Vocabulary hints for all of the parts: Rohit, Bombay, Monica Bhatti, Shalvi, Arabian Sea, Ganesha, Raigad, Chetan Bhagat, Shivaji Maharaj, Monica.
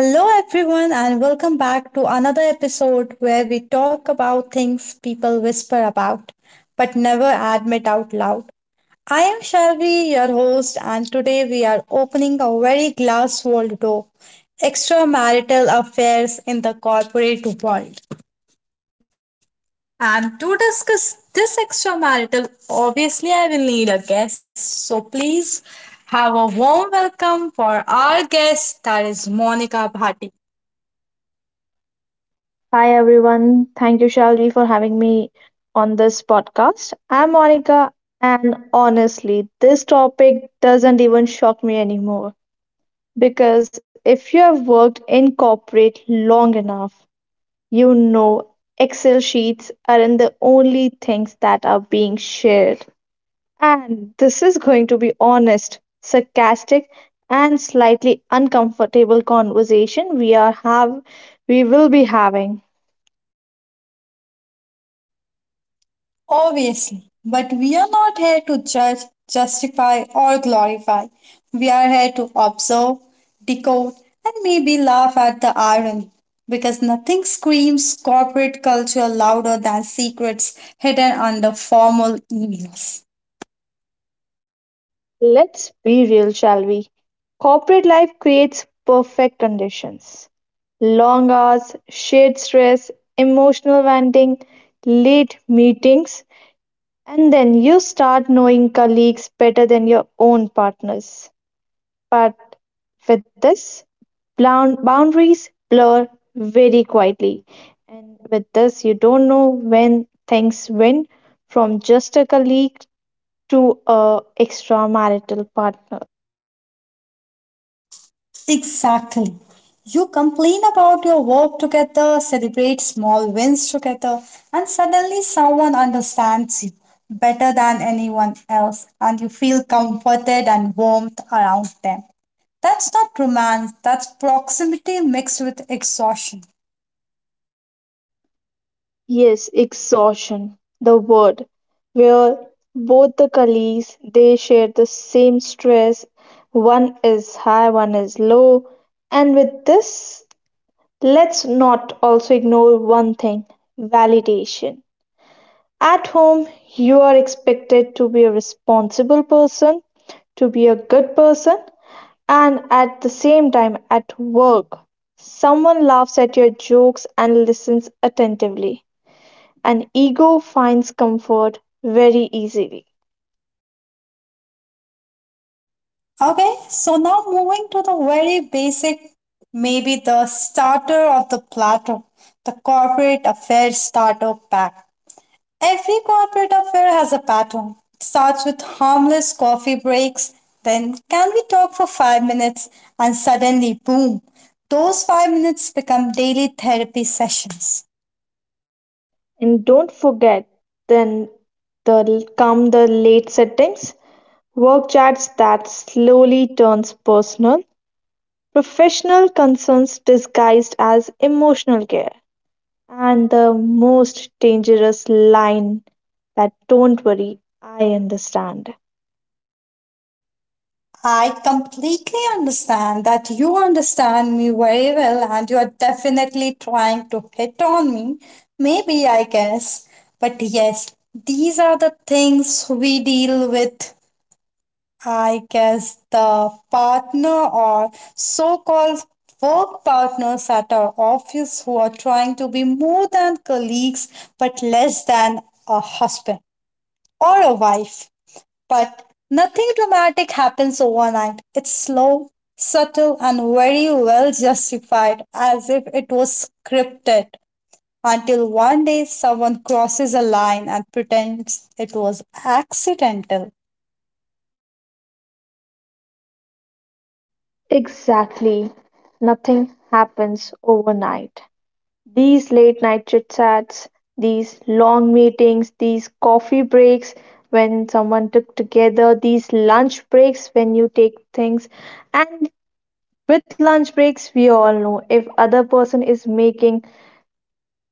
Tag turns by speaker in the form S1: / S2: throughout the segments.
S1: Hello, everyone, and welcome back to another episode where we talk about things people whisper about but never admit out loud. I am Shelby, your host, and today we are opening a very glass walled door extramarital affairs in the corporate world. And to discuss this extramarital, obviously, I will need a guest. So please have a warm welcome for our guest, that is Monica Bhatti.
S2: Hi everyone. Thank you, Shalvi, for having me on this podcast. I'm Monica, and honestly, this topic doesn't even shock me anymore because if you have worked in corporate long enough, you know Excel sheets aren't the only things that are being shared. And this is going to be honest, sarcastic, and slightly uncomfortable conversation we are have we will be having.
S1: Obviously, but we are not here to judge, justify, or glorify. We are here to observe, decode, and maybe laugh at the irony. Because nothing screams corporate culture louder than secrets hidden under formal emails.
S2: Let's be real, shall we? Corporate life creates perfect conditions. Long hours, shared stress, emotional venting, late meetings, and then you start knowing colleagues better than your own partners. But with this, boundaries blur very quietly. And with this, you don't know when things went from just a colleague to a extramarital partner.
S1: Exactly. You complain about your work together, celebrate small wins together, and suddenly someone understands you better than anyone else, and you feel comforted and warmth around them. That's not romance, that's proximity mixed with exhaustion.
S2: Yes, exhaustion, the word, where both the colleagues they share the same stress. One is high, one is low. And with this, let's not also ignore one thing, validation. At home, you are expected to be a responsible person, to be a good person, and at the same time, at work, someone laughs at your jokes and listens attentively. An ego finds comfort very easily.
S1: Okay, so now moving to the very basic, maybe the starter of the platter, the corporate affairs starter pack. Every corporate affair has a pattern. It starts with harmless coffee breaks, then, can we talk for 5 minutes? And suddenly, boom, those 5 minutes become daily therapy sessions.
S2: And don't forget, then the late settings, work chats that slowly turns personal, professional concerns disguised as emotional care, and the most dangerous line, that don't worry, I understand.
S1: I completely understand that you understand me very well and you are definitely trying to hit on me. Maybe, I guess. But yes, these are the things we deal with, I guess the partner or so called work partners at our office who are trying to be more than colleagues but less than a husband or a wife. But nothing dramatic happens overnight. It's slow, subtle, and very well justified as if it was scripted until one day someone crosses a line and pretends it was accidental.
S2: Exactly. Nothing happens overnight. These late night chit-chats, these long meetings, these coffee breaks when someone took together, these lunch breaks when you take things, and with lunch breaks we all know if other person is making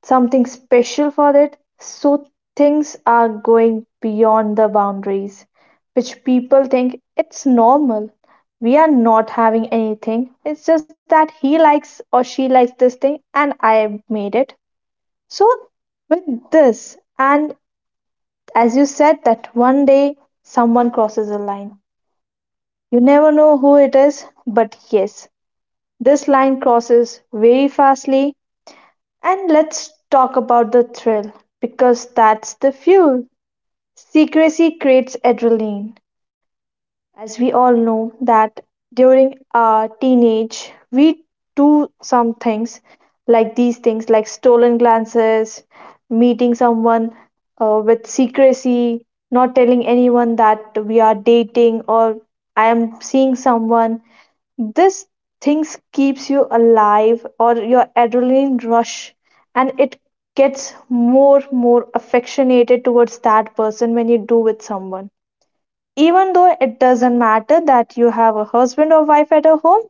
S2: something special for it, so things are going beyond the boundaries, which people think it's normal. We are not having anything. It's just that he likes or she likes this thing and I made it. So, with this, and as you said, that one day someone crosses a line. You never know who it is, but yes, this line crosses very fastly. And let's talk about the thrill, because that's the fuel. Secrecy creates adrenaline, as we all know that during our teenage we do some things like these things, like stolen glances, meeting someone with secrecy, not telling anyone that we are dating or I am seeing someone. This things keeps you alive or your adrenaline rush, and it gets more affectionated towards that person when you do with someone. Even though it doesn't matter that you have a husband or wife at a home,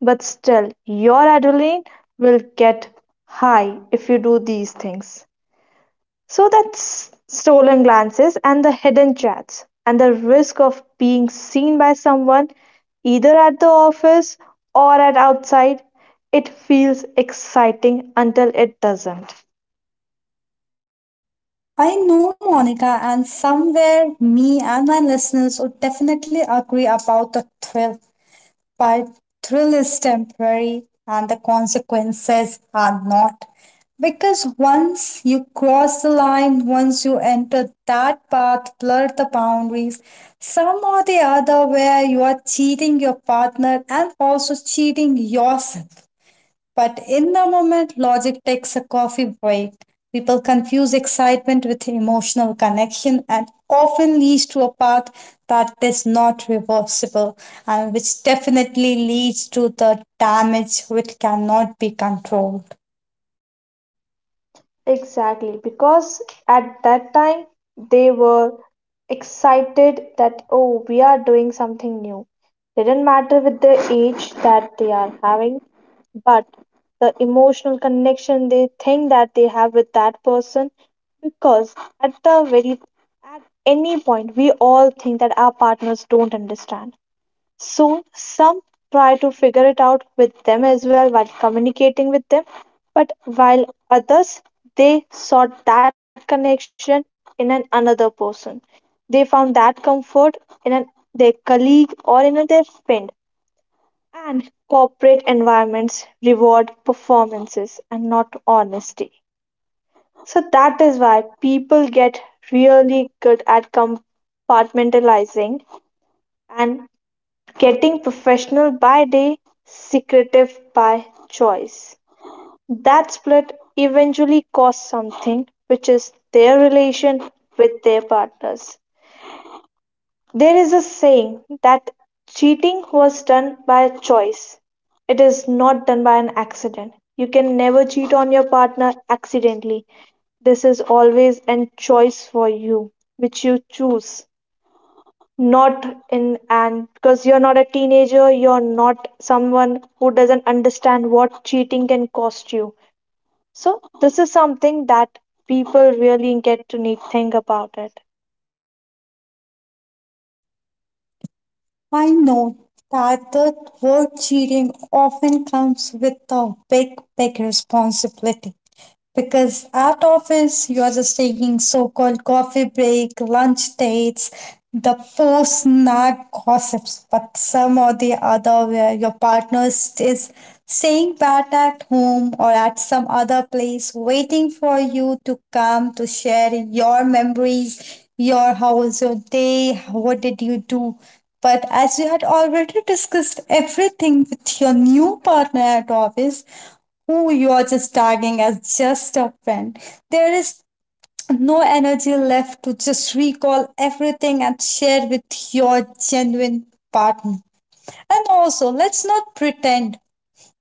S2: but still, your adrenaline will get high if you do these things. So that's stolen glances and the hidden chats and the risk of being seen by someone either at the office or at outside. It feels exciting until it doesn't.
S1: I know, Monica, and somewhere me and my listeners would definitely agree about the thrill. But thrill is temporary and the consequences are not. Because once you cross the line, once you enter that path, blur the boundaries, some or the other, where you are cheating your partner and also cheating yourself. But in the moment, logic takes a coffee break. People confuse excitement with emotional connection and often leads to a path that is not reversible and which definitely leads to the damage which cannot be controlled.
S2: Exactly, because at that time they were excited that, oh, we are doing something new. Didn't matter with the age that they are having, but the emotional connection they think that they have with that person, because at the very at any point we all think that our partners don't understand, so some try to figure it out with them as well while communicating with them, but while others, they sought that connection in an another person. They found that comfort in an, their colleague, or their friend. And corporate environments reward performances and not honesty. So that is why people get really good at compartmentalizing and getting professional by day, secretive by choice. That split eventually costs something, which is their relation with their partners. There is a saying that cheating was done by choice, it is not done by an accident. You can never cheat on your partner accidentally. This is always a choice for you, which you choose, not in and because you're not a teenager, you're not someone who doesn't understand what cheating can cost you. So this is something that people really get to need think about it.
S1: I know that the word cheating often comes with a big, big responsibility. Because at office, you are just taking so called coffee break, lunch dates, the post snack gossips, but some or the other where your partner is staying back at home or at some other place, waiting for you to come to share your memories, your how was your day, what did you do. But as you had already discussed everything with your new partner at office, who you are just tagging as just a friend. There is no energy left to just recall everything and share with your genuine partner. And also, let's not pretend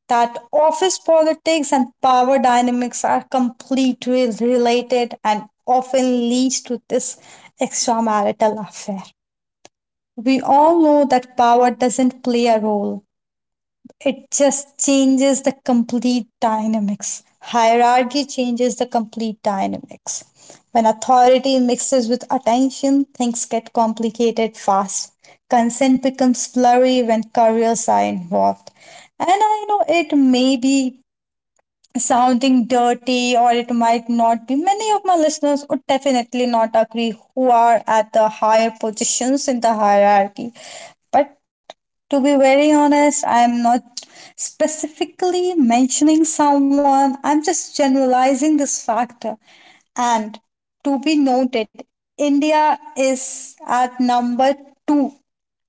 S1: that office politics and power dynamics are completely related and often leads to this extramarital affair. We all know that power doesn't play a role, it just changes the complete dynamics. Hierarchy changes the complete dynamics. When authority mixes with attention, things get complicated fast. Consent becomes blurry when careers are involved. And I know it may be sounding dirty or it might not be, many of my listeners would definitely not agree who are at the higher positions in the hierarchy, but to be very honest, I am not specifically mentioning someone, I'm just generalizing this factor. And to be noted, India is at number 2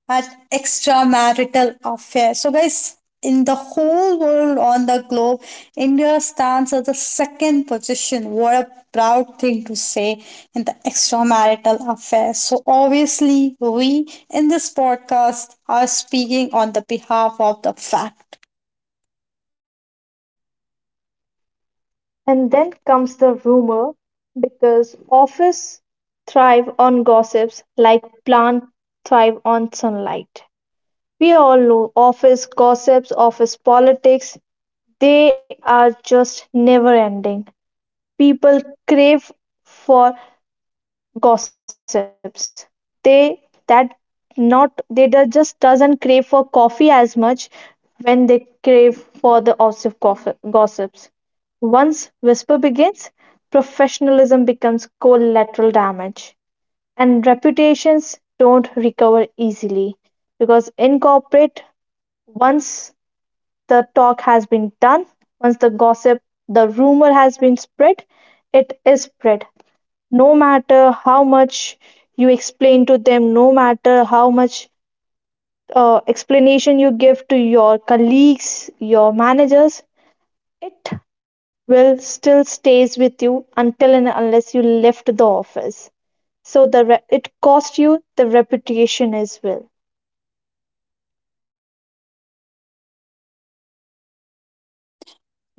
S1: at extramarital affair. So, guys, in the whole world on the globe, India stands at the second position. What a proud thing to say in the extramarital affair. So, obviously, we in this podcast are speaking on the behalf of the fact.
S2: And then comes the rumor, because office thrive on gossips like plant thrive on sunlight. We all know office gossips, office politics, they are just never ending. People crave for gossips. They that not they do- just doesn't crave for coffee as much when they crave for the gossips. Once whisper begins, professionalism becomes collateral damage, and reputations don't recover easily, because in corporate, once the talk has been done, once the gossip, the rumor has been spread, it is spread no matter how much you explain to them, no matter how much explanation you give to your colleagues, your managers, it will still stays with you until and unless you left the office. So it cost you the reputation as well.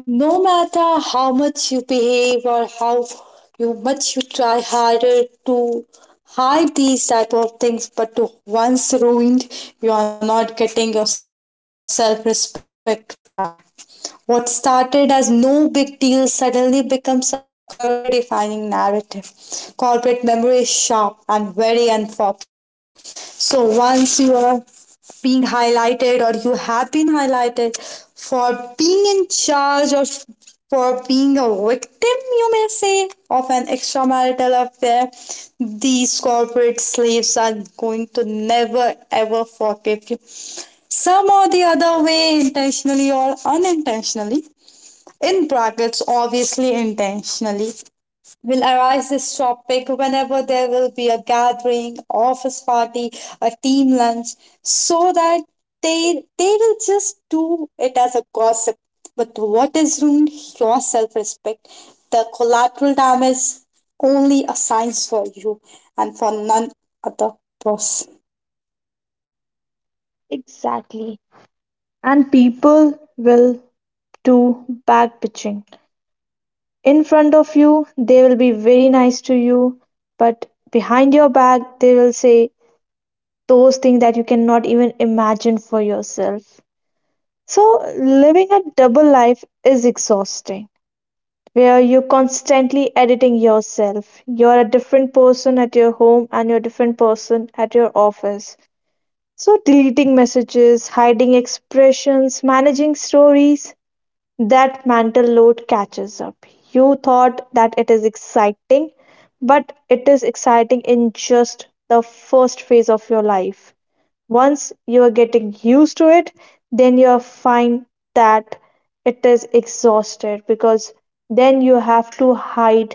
S1: No matter how much you behave or how you much you try harder to hide these type of things, but to once ruined, you are not getting your self-respect back. What started as no big deal suddenly becomes a career defining narrative. Corporate memory is sharp and very unforgiving. So once you are being highlighted or you have been highlighted for being in charge or for being a victim, you may say, of an extramarital affair. These corporate slaves are going to never ever forgive you. Some or the other way, intentionally or unintentionally, in brackets, obviously intentionally, will arise this topic whenever there will be a gathering, office party, a team lunch, so that they will just do it as a gossip. But what is ruined? Your self respect. The collateral damage only assigns for you and for none other person.
S2: Exactly. And people will do back bitching. In front of you, they will be very nice to you, but behind your back, they will say those things that you cannot even imagine for yourself. So, living a double life is exhausting, where you're constantly editing yourself. You're a different person at your home and you're a different person at your office. So, deleting messages, hiding expressions, managing stories, that mental load catches up. You thought that it is exciting, but it is exciting in just the first phase of your life. Once you're getting used to it, then you find that it is exhausted, because then you have to hide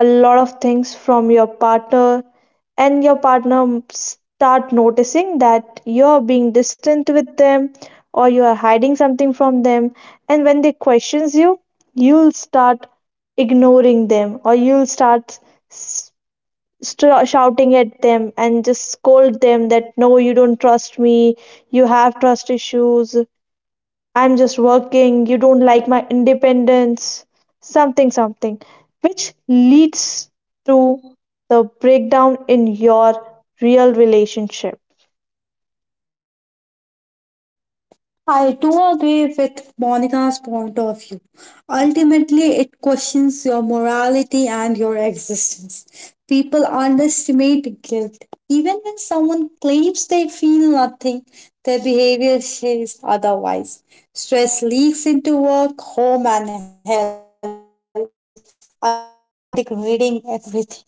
S2: a lot of things from your partner, and your partner start noticing that you're being distant with them or you are hiding something from them, and when they questions you, you'll start ignoring them, or you'll start s- shouting at them and just scold them that no, you don't trust me, you have trust issues, I'm just working, you don't like my independence, something something, which leads to the breakdown in your real relationship.
S1: I do agree with Monica's point of view. Ultimately, it questions your morality and your existence. People underestimate guilt. Even when someone claims they feel nothing, their behavior says otherwise. Stress leaks into work, home, and health, ultimately degrading everything.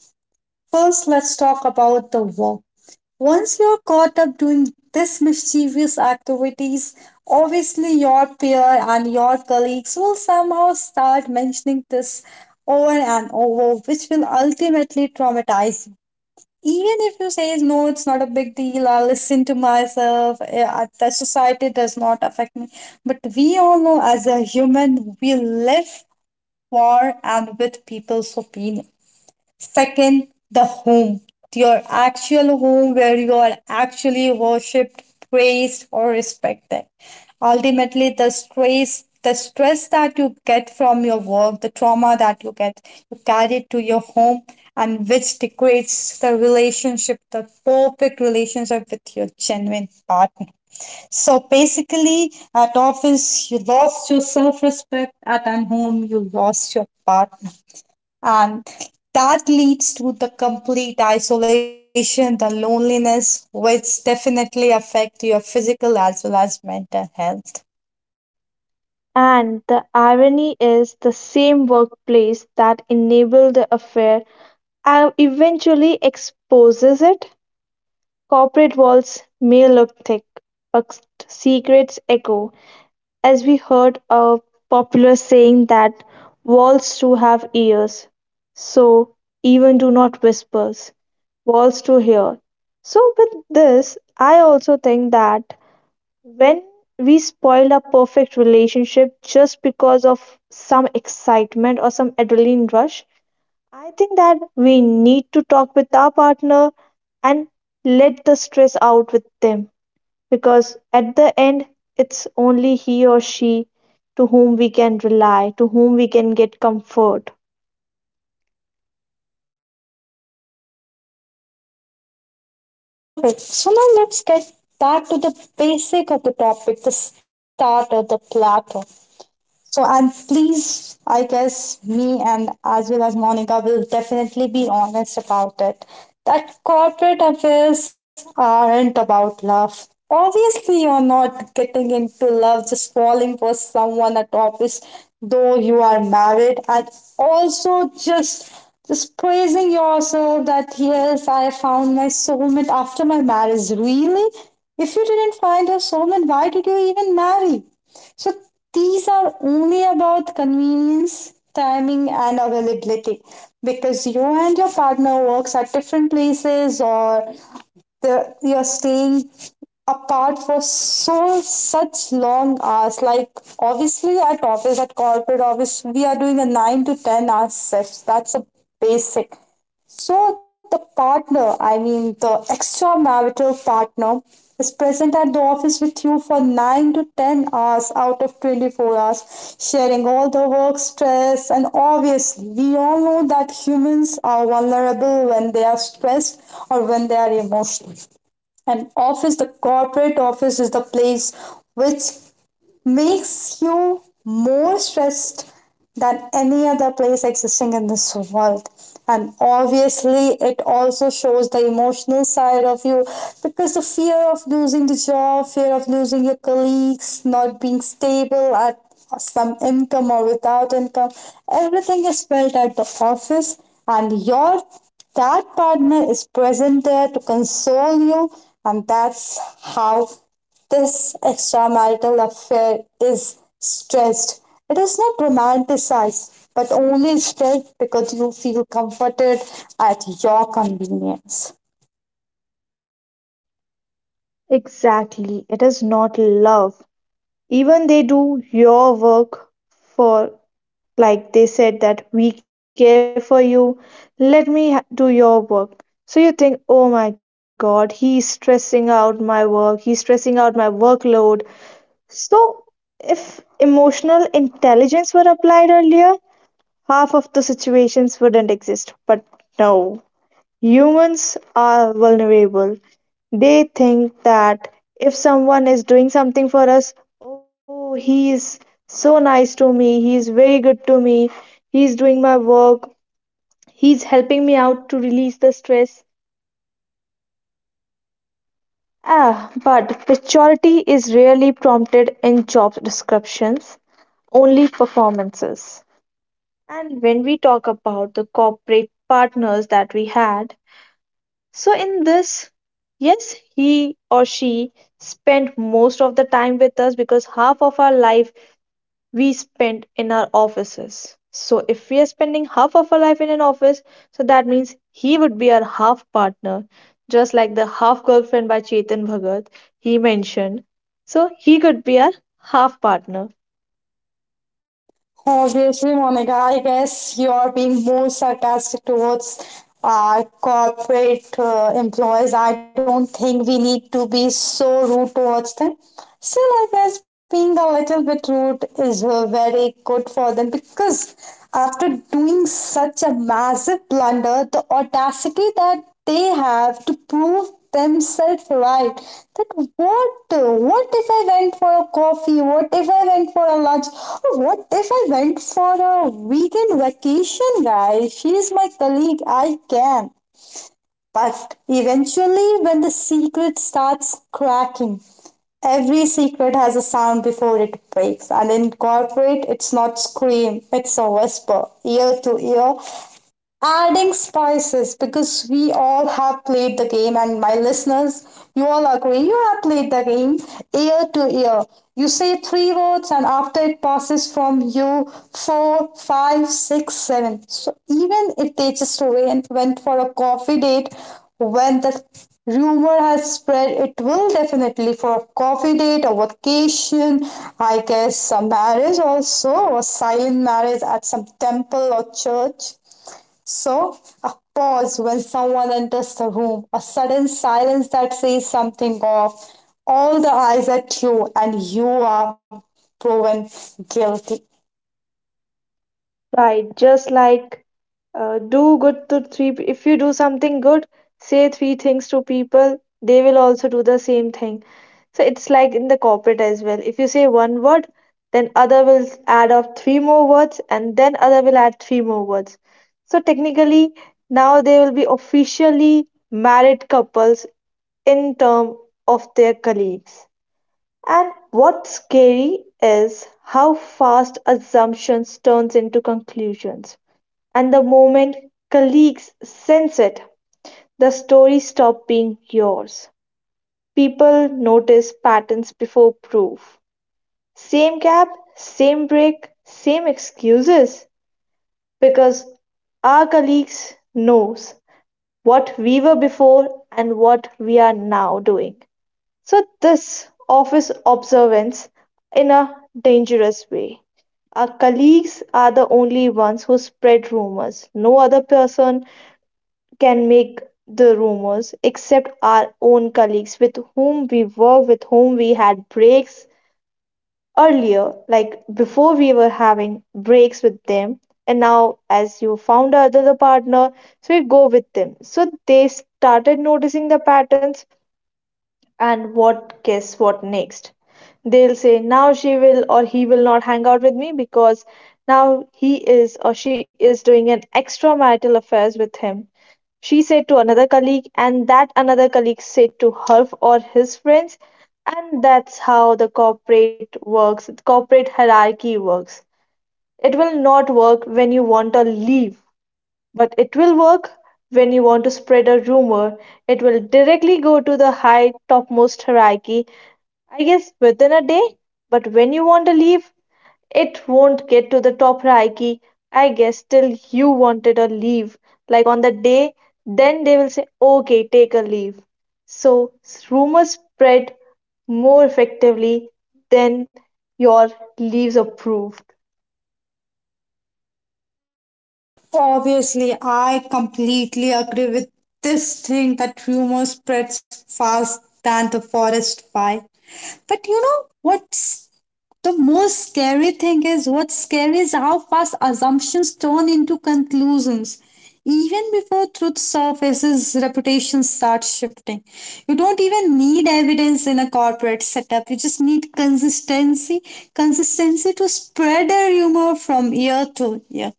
S1: First, let's talk about the work. Once you're caught up doing this mischievous activities, obviously your peer and your colleagues will somehow start mentioning this over and over, which will ultimately traumatize you. Even if you say, no, it's not a big deal, I'll listen to myself, the society does not affect me. But we all know as a human, we live for and with people's opinion. Second, the home, your actual home where you are actually worshipped, praised, or respected. Ultimately, the stress that you get from your work, the trauma that you get, you carry it to your home, and which degrades the relationship, the perfect relationship with your genuine partner. So basically, at office, you lost your self respect, at an home, you lost your partner. And that leads to the complete isolation, the loneliness, which definitely affect your physical as well as mental health.
S2: And the irony is the same workplace that enabled the affair eventually exposes it. Corporate walls may look thick, but secrets echo, as we heard a popular saying that walls too have ears, so even do not whispers, walls to hear. So, with this, I also think that when we spoil a perfect relationship just because of some excitement or some adrenaline rush, I think that we need to talk with our partner and let the stress out with them, because at the end, it's only he or she to whom we can rely, to whom we can get comfort.
S1: Okay, so now let's get back to the basic of the topic, the start starter, the plateau. So, and please, I guess me and as well as Monica will definitely be honest about it that corporate affairs aren't about love. Obviously, you're not getting into love just falling for someone at office, though you are married, and also just praising yourself that yes, I found my soulmate after my marriage. Really, if you didn't find your soulmate, why did you even marry? So these are only about convenience, timing, and availability because you and your partner works at different places or you're staying apart for so such long hours like obviously at office at corporate office we are doing a 9 to 10 hour shifts, that's a basic. So the partner, I mean the extramarital partner, is present at the office with you for 9 to 10 hours out of 24 hours, sharing all the work stress. And obviously, we all know that humans are vulnerable when they are stressed or when they are emotional. And office, the corporate office, is the place which makes you more stressed than any other place existing in this world, and obviously it also shows the emotional side of you because the fear of losing the job, fear of losing your colleagues, not being stable at some income or without income, everything is felt at the office. And your that partner is present there to console you, and that's how this extramarital affair is stressed. It is not romanticized, but only stressed because you feel comforted at your convenience.
S2: Exactly, it is not love. Even they do your work for, like they said, that we care for you, let me do your work. So you think, oh my god, he's stressing out my work, he's stressing out my workload. So, if emotional intelligence were applied earlier, half of the situations wouldn't exist. But no, humans are vulnerable. They think that if someone is doing something for us, oh, he is so nice to me, he is very good to me, he's doing my work, he's helping me out to release the stress. Ah, but maturity is rarely prompted in job descriptions, only performances. And when we talk about the corporate partners that we had, so in this, yes, he or she spent most of the time with us, because half of our life we spent in our offices. So if we are spending half of our life in an office, so that means he would be our half partner, just like the half girlfriend by Chetan Bhagat he mentioned. So he could be our half partner.
S1: Obviously, Monica, I guess you are being more sarcastic towards our corporate employees. I don't think we need to be so rude towards them. Still, I guess being a little bit rude is very good for them because after doing such a massive blunder, the audacity that they have to prove themselves right, that what if I went for a coffee, what if I went for a lunch, or what if I went for a weekend vacation? Guys, she is my colleague, I can. But eventually when the secret starts cracking, every secret has a sound before it breaks, and in corporate it's not scream, it's a whisper, ear to ear, adding spices. Because we all have played the game, and my listeners, you all agree you have played the game, ear to ear. You say three words and after it passes from you, four five six seven. So even if they just went for a coffee date, when the rumor has spread it will definitely for a coffee date, a vacation, I guess a marriage also, or silent marriage at some temple or church. So, a pause when someone enters the room, a sudden silence that says something off. All the eyes at you, and you are proven guilty.
S2: Right, just like do good to three. If you do something good, say three things to people, they will also do the same thing. So it's like in the corporate as well. If you say one word, then other will add up three more words, and then other will add three more words. So technically, now they will be officially married couples in term of their colleagues. And what's scary is how fast assumptions turns into conclusions. And the moment colleagues sense it, the story stops being yours. People notice patterns before proof. Same gap, same break, same excuses, because our colleagues knows what we were before and what we are now doing. So this office observance in a dangerous way. Our colleagues are the only ones who spread rumors. No other person can make the rumors except our own colleagues with whom we work, with whom we had breaks earlier, like before we were having breaks with them. And now, as you found another partner, so you go with them. So they started noticing the patterns, and what guess what next? They'll say now she will or he will not hang out with me because now he is or she is doing an extramarital affairs with him. She said to another colleague, and that another colleague said to her or his friends, and that's how the corporate works, corporate hierarchy works. It will not work when you want to leave, but it will work when you want to spread a rumor. It will directly go to the high topmost hierarchy, I guess within a day, but when you want to leave, it won't get to the top hierarchy. I guess till you wanted a leave. Like on the day, then they will say, okay, take a leave. So rumors spread more effectively than your leaves approved.
S1: Obviously, I completely agree with this thing that rumor spreads fast than the forest fire. But you know what's the most scary thing is, what's scary is how fast assumptions turn into conclusions. Even before truth surfaces, reputation starts shifting. You don't even need evidence in a corporate setup. You just need consistency, consistency to spread a rumor from year to year.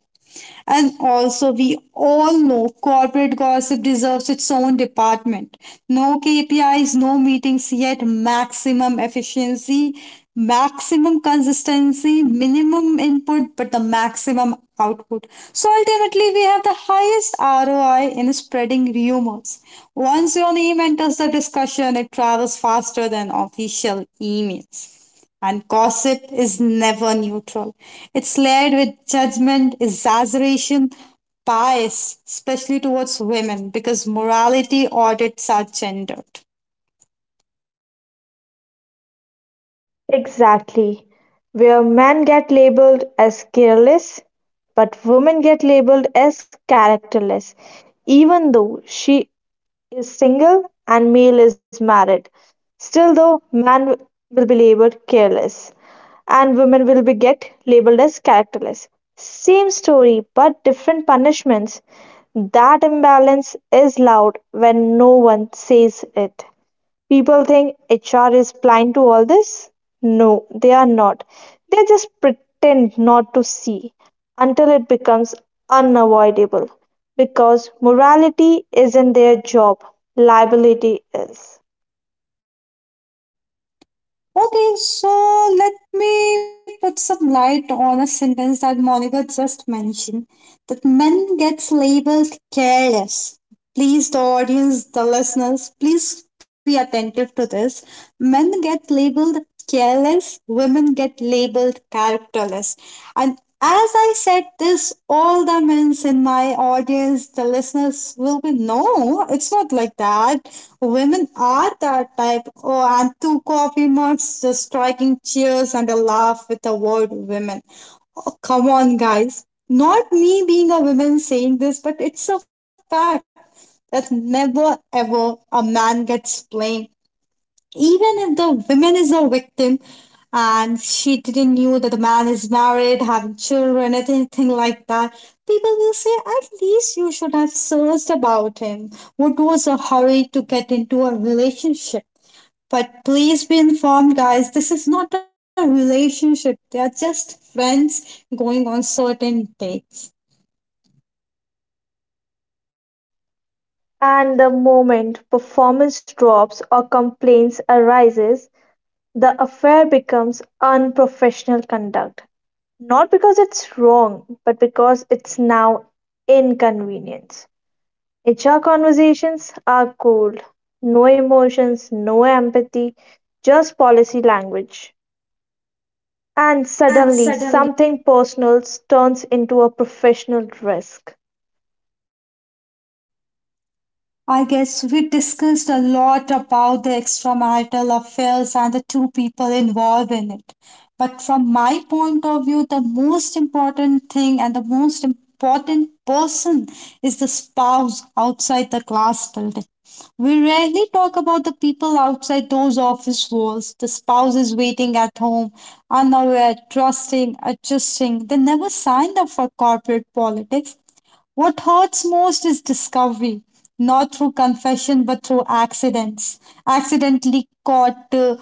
S1: And also, we all know corporate gossip deserves its own department. No KPIs, no meetings, yet maximum efficiency, maximum consistency, minimum input, but the maximum output. So ultimately, we have the highest ROI in spreading rumors. Once your name enters the discussion, it travels faster than official emails. And gossip is never neutral. It's layered with judgment, exaggeration, bias, especially towards women, because morality audits are gendered.
S2: Exactly. Where men get labeled as careless, but women get labeled as characterless, even though she is single and male is married. Still, though, man will be labeled careless and women will be get labeled as characterless. Same story but different punishments. That imbalance is loud when no one says it. People think HR is blind to all this. No, they are not. They just pretend not to see until it becomes unavoidable, because morality isn't their job, liability is.
S1: Okay, so let me put some light on a sentence that Monica just mentioned, that men gets labeled careless. Please, the audience, the listeners, please be attentive to this. Men get labeled careless, women get labeled characterless. And as I said this, all the men in my audience, the listeners will be, no, it's not like that. Women are that type. Oh, and two coffee mugs, just striking cheers and a laugh with the word women. Come on, guys. Not me being a woman saying this, but it's a fact that never ever a man gets blamed. Even if the woman is a victim and she didn't knew that the man is married, having children, anything like that, people will say, at least you should have searched about him. What was the hurry to get into a relationship? But please be informed, guys, this is not a relationship. They are just friends going on certain dates.
S2: And the moment performance drops or complaints arises, the affair becomes unprofessional conduct. Not because it's wrong, but because it's now inconvenience. HR conversations are cold, no emotions, no empathy, just policy language. And
S1: And
S2: suddenly,
S1: suddenly,
S2: something personal turns into a professional risk.
S1: I guess we discussed a lot about the extramarital affairs and the two people involved in it. But from my point of view, the most important thing and the most important person is the spouse outside the class building. We rarely talk about the people outside those office walls. The spouse is waiting at home, unaware, trusting, adjusting. They never signed up for corporate politics. What hurts most is discovery, not through confession but through accidents. Accidentally caught,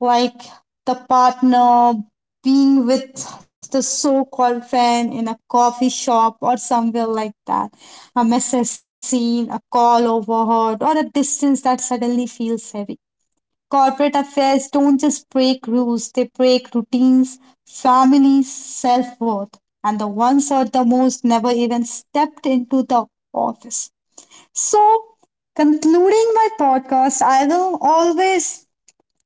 S1: like the partner being with the so called friend in a coffee shop or somewhere like that. A message seen, a call overheard, or a distance that suddenly feels heavy. Corporate affairs don't just break rules, they break routines, families, self worth. And the ones that the most never even stepped into the office. So, concluding my podcast, I will always,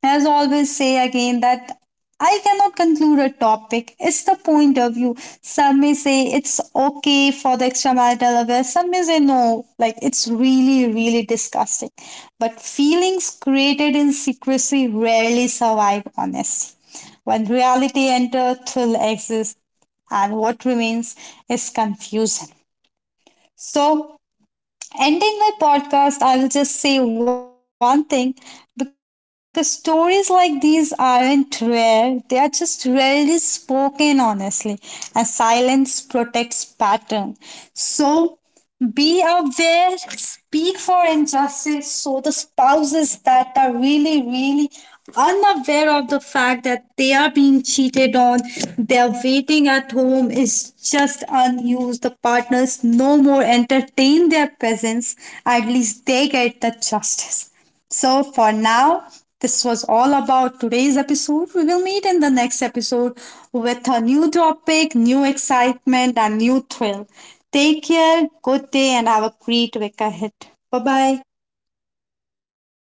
S1: as always, say again that I cannot conclude a topic. It's the point of view. Some may say it's okay for the extramarital affair. Some may say no, like it's really, really disgusting. But feelings created in secrecy rarely survive honesty. When reality enters, thrill exists, and what remains is confusion. So ending my podcast, I will just say one thing, because stories like these aren't rare, they are just rarely spoken, honestly. And silence protects pattern. So, be aware, speak for injustice. So the spouses that are really, really unaware of the fact that they are being cheated on, they're waiting at home is just unused. The partners no more entertain their presence. At least they get the justice. So for now, this was all about today's episode. We will meet in the next episode with a new topic, new excitement, and new thrill. Take care, good day, and have a great week ahead. Bye bye.